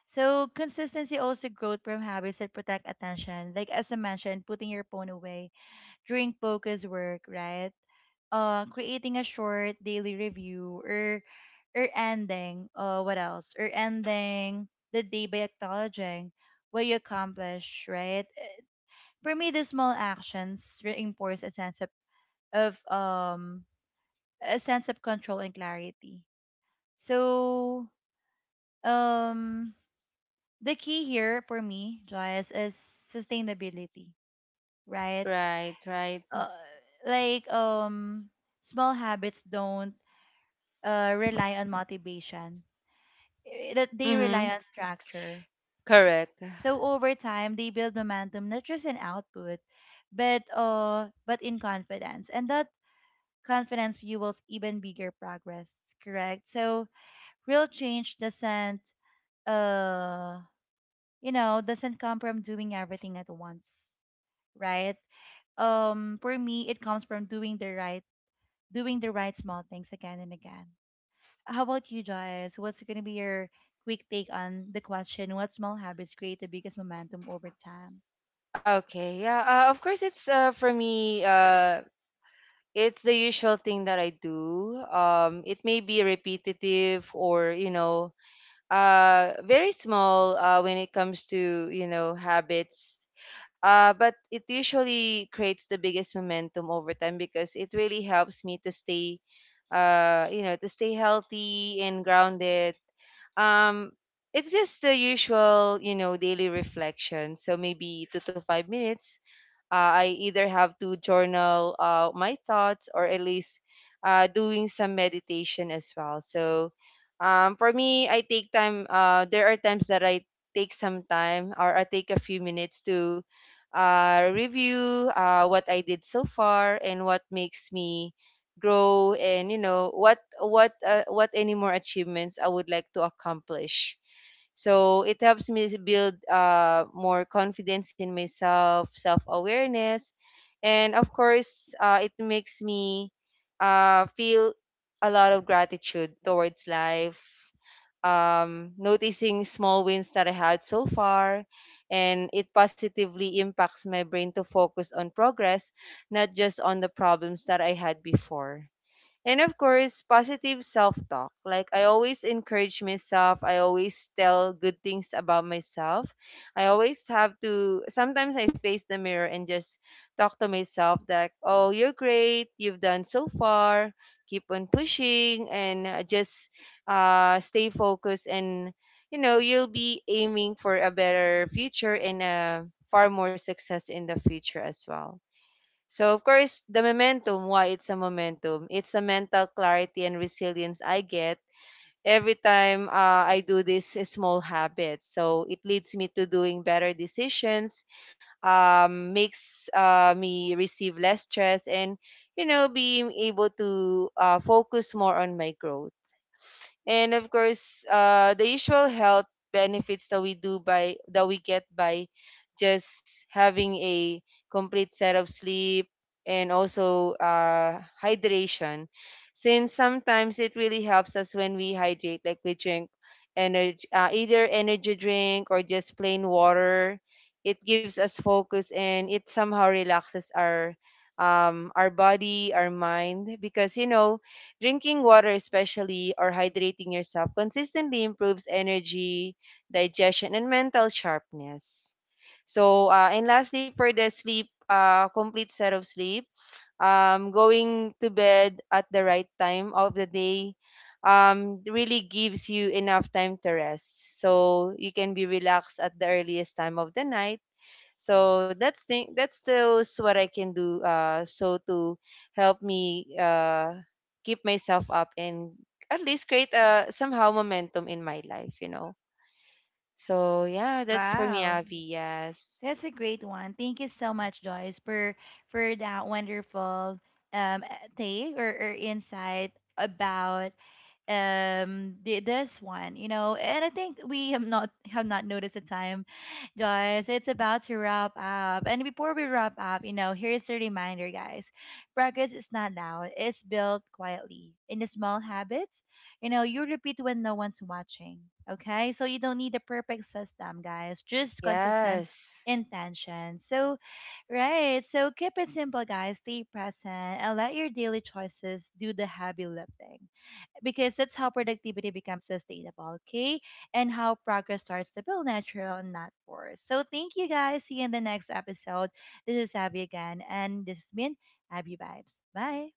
Speaker 1: So consistency also growth from habits that protect attention, like as I mentioned, putting your phone away during focus work, right? Creating a short daily review or ending. What else? Or ending the day by acknowledging what you accomplish, right? For me, the small actions reinforce a sense of, of um a sense of control and clarity. So um the key here for me, Joyce, is sustainability, right?
Speaker 2: Right, right.
Speaker 1: Uh, like um, Small habits don't rely on motivation; that they rely
Speaker 2: Mm-hmm.
Speaker 1: on structure.
Speaker 2: Correct.
Speaker 1: So over time, they build momentum, not just in output, but but in confidence, and that confidence fuels even bigger progress. Correct. So real change doesn't uh, you know, doesn't come from doing everything at once, right? For me it comes from doing the right small things again and again. How about you, Joyce? What's going to be your quick take on the question, what small habits create the biggest momentum over time?
Speaker 2: Okay, yeah. Of course, it's for me. It's the usual thing that I do. It may be repetitive, or you know, very small when it comes to you know habits. But it usually creates the biggest momentum over time, because it really helps me to stay, you know, to stay healthy and grounded. Um, it's just the usual, you know, daily reflection. So maybe 2 to 5 minutes, I either have to journal my thoughts, or at least doing some meditation as well. So for me, I take time. There are times that I take some time or I take a few minutes to review what I did so far, and what makes me grow, and you know what any more achievements I would like to accomplish. So it helps me to build more confidence in myself, self awareness, and of course, it makes me feel a lot of gratitude towards life. Noticing small wins that I had so far, and it positively impacts my brain to focus on progress, not just on the problems that I had before. And of course, positive self talk. Like, I always encourage myself. I always tell good things about myself. I always have to, sometimes I face the mirror and just talk to myself that, oh, you're great. You've done so far. Keep on pushing, and just stay focused. And, you know, you'll be aiming for a better future, and far more success in the future as well. So, of course, the momentum, why it's a momentum? It's the mental clarity and resilience I get every time I do these small habits. So, it leads me to doing better decisions, makes me receive less stress, and, you know, being able to focus more on my growth, and of course the usual health benefits that we do by, that we get by just having a complete set of sleep, and also hydration, since sometimes it really helps us when we hydrate, like we drink energy, either energy drink or just plain water. It gives us focus and it somehow relaxes our body, our mind, because you know, drinking water especially, or hydrating yourself consistently improves energy, digestion, and mental sharpness. So, and lastly, for the sleep, complete set of sleep, going to bed at the right time of the day really gives you enough time to rest. So, you can be relaxed at the earliest time of the night. So that's thing that's those what I can do so to help me keep myself up and at least create somehow momentum in my life, you know. So yeah, that's for me,
Speaker 1: Wow,
Speaker 2: Avi. Yes.
Speaker 1: that's a great one. Thank you so much, Joyce, for that wonderful take or insight about this one. You know, and I think we have not noticed the time, guys. It's about to wrap up, and before we wrap up, you know, here's the reminder, guys: progress is not loud, it's built quietly in the small habits, you know, you repeat when no one's watching. Okay, so you don't need a perfect system, guys, just consistent
Speaker 2: Yes.
Speaker 1: intention. So right, so keep it simple, guys, stay present, and let your daily choices do the heavy lifting, because that's how productivity becomes sustainable, okay? And how progress starts to feel natural and not forced. So thank you, guys. See you in the next episode. This is Abby again, and this has been Abby Vibes. Bye.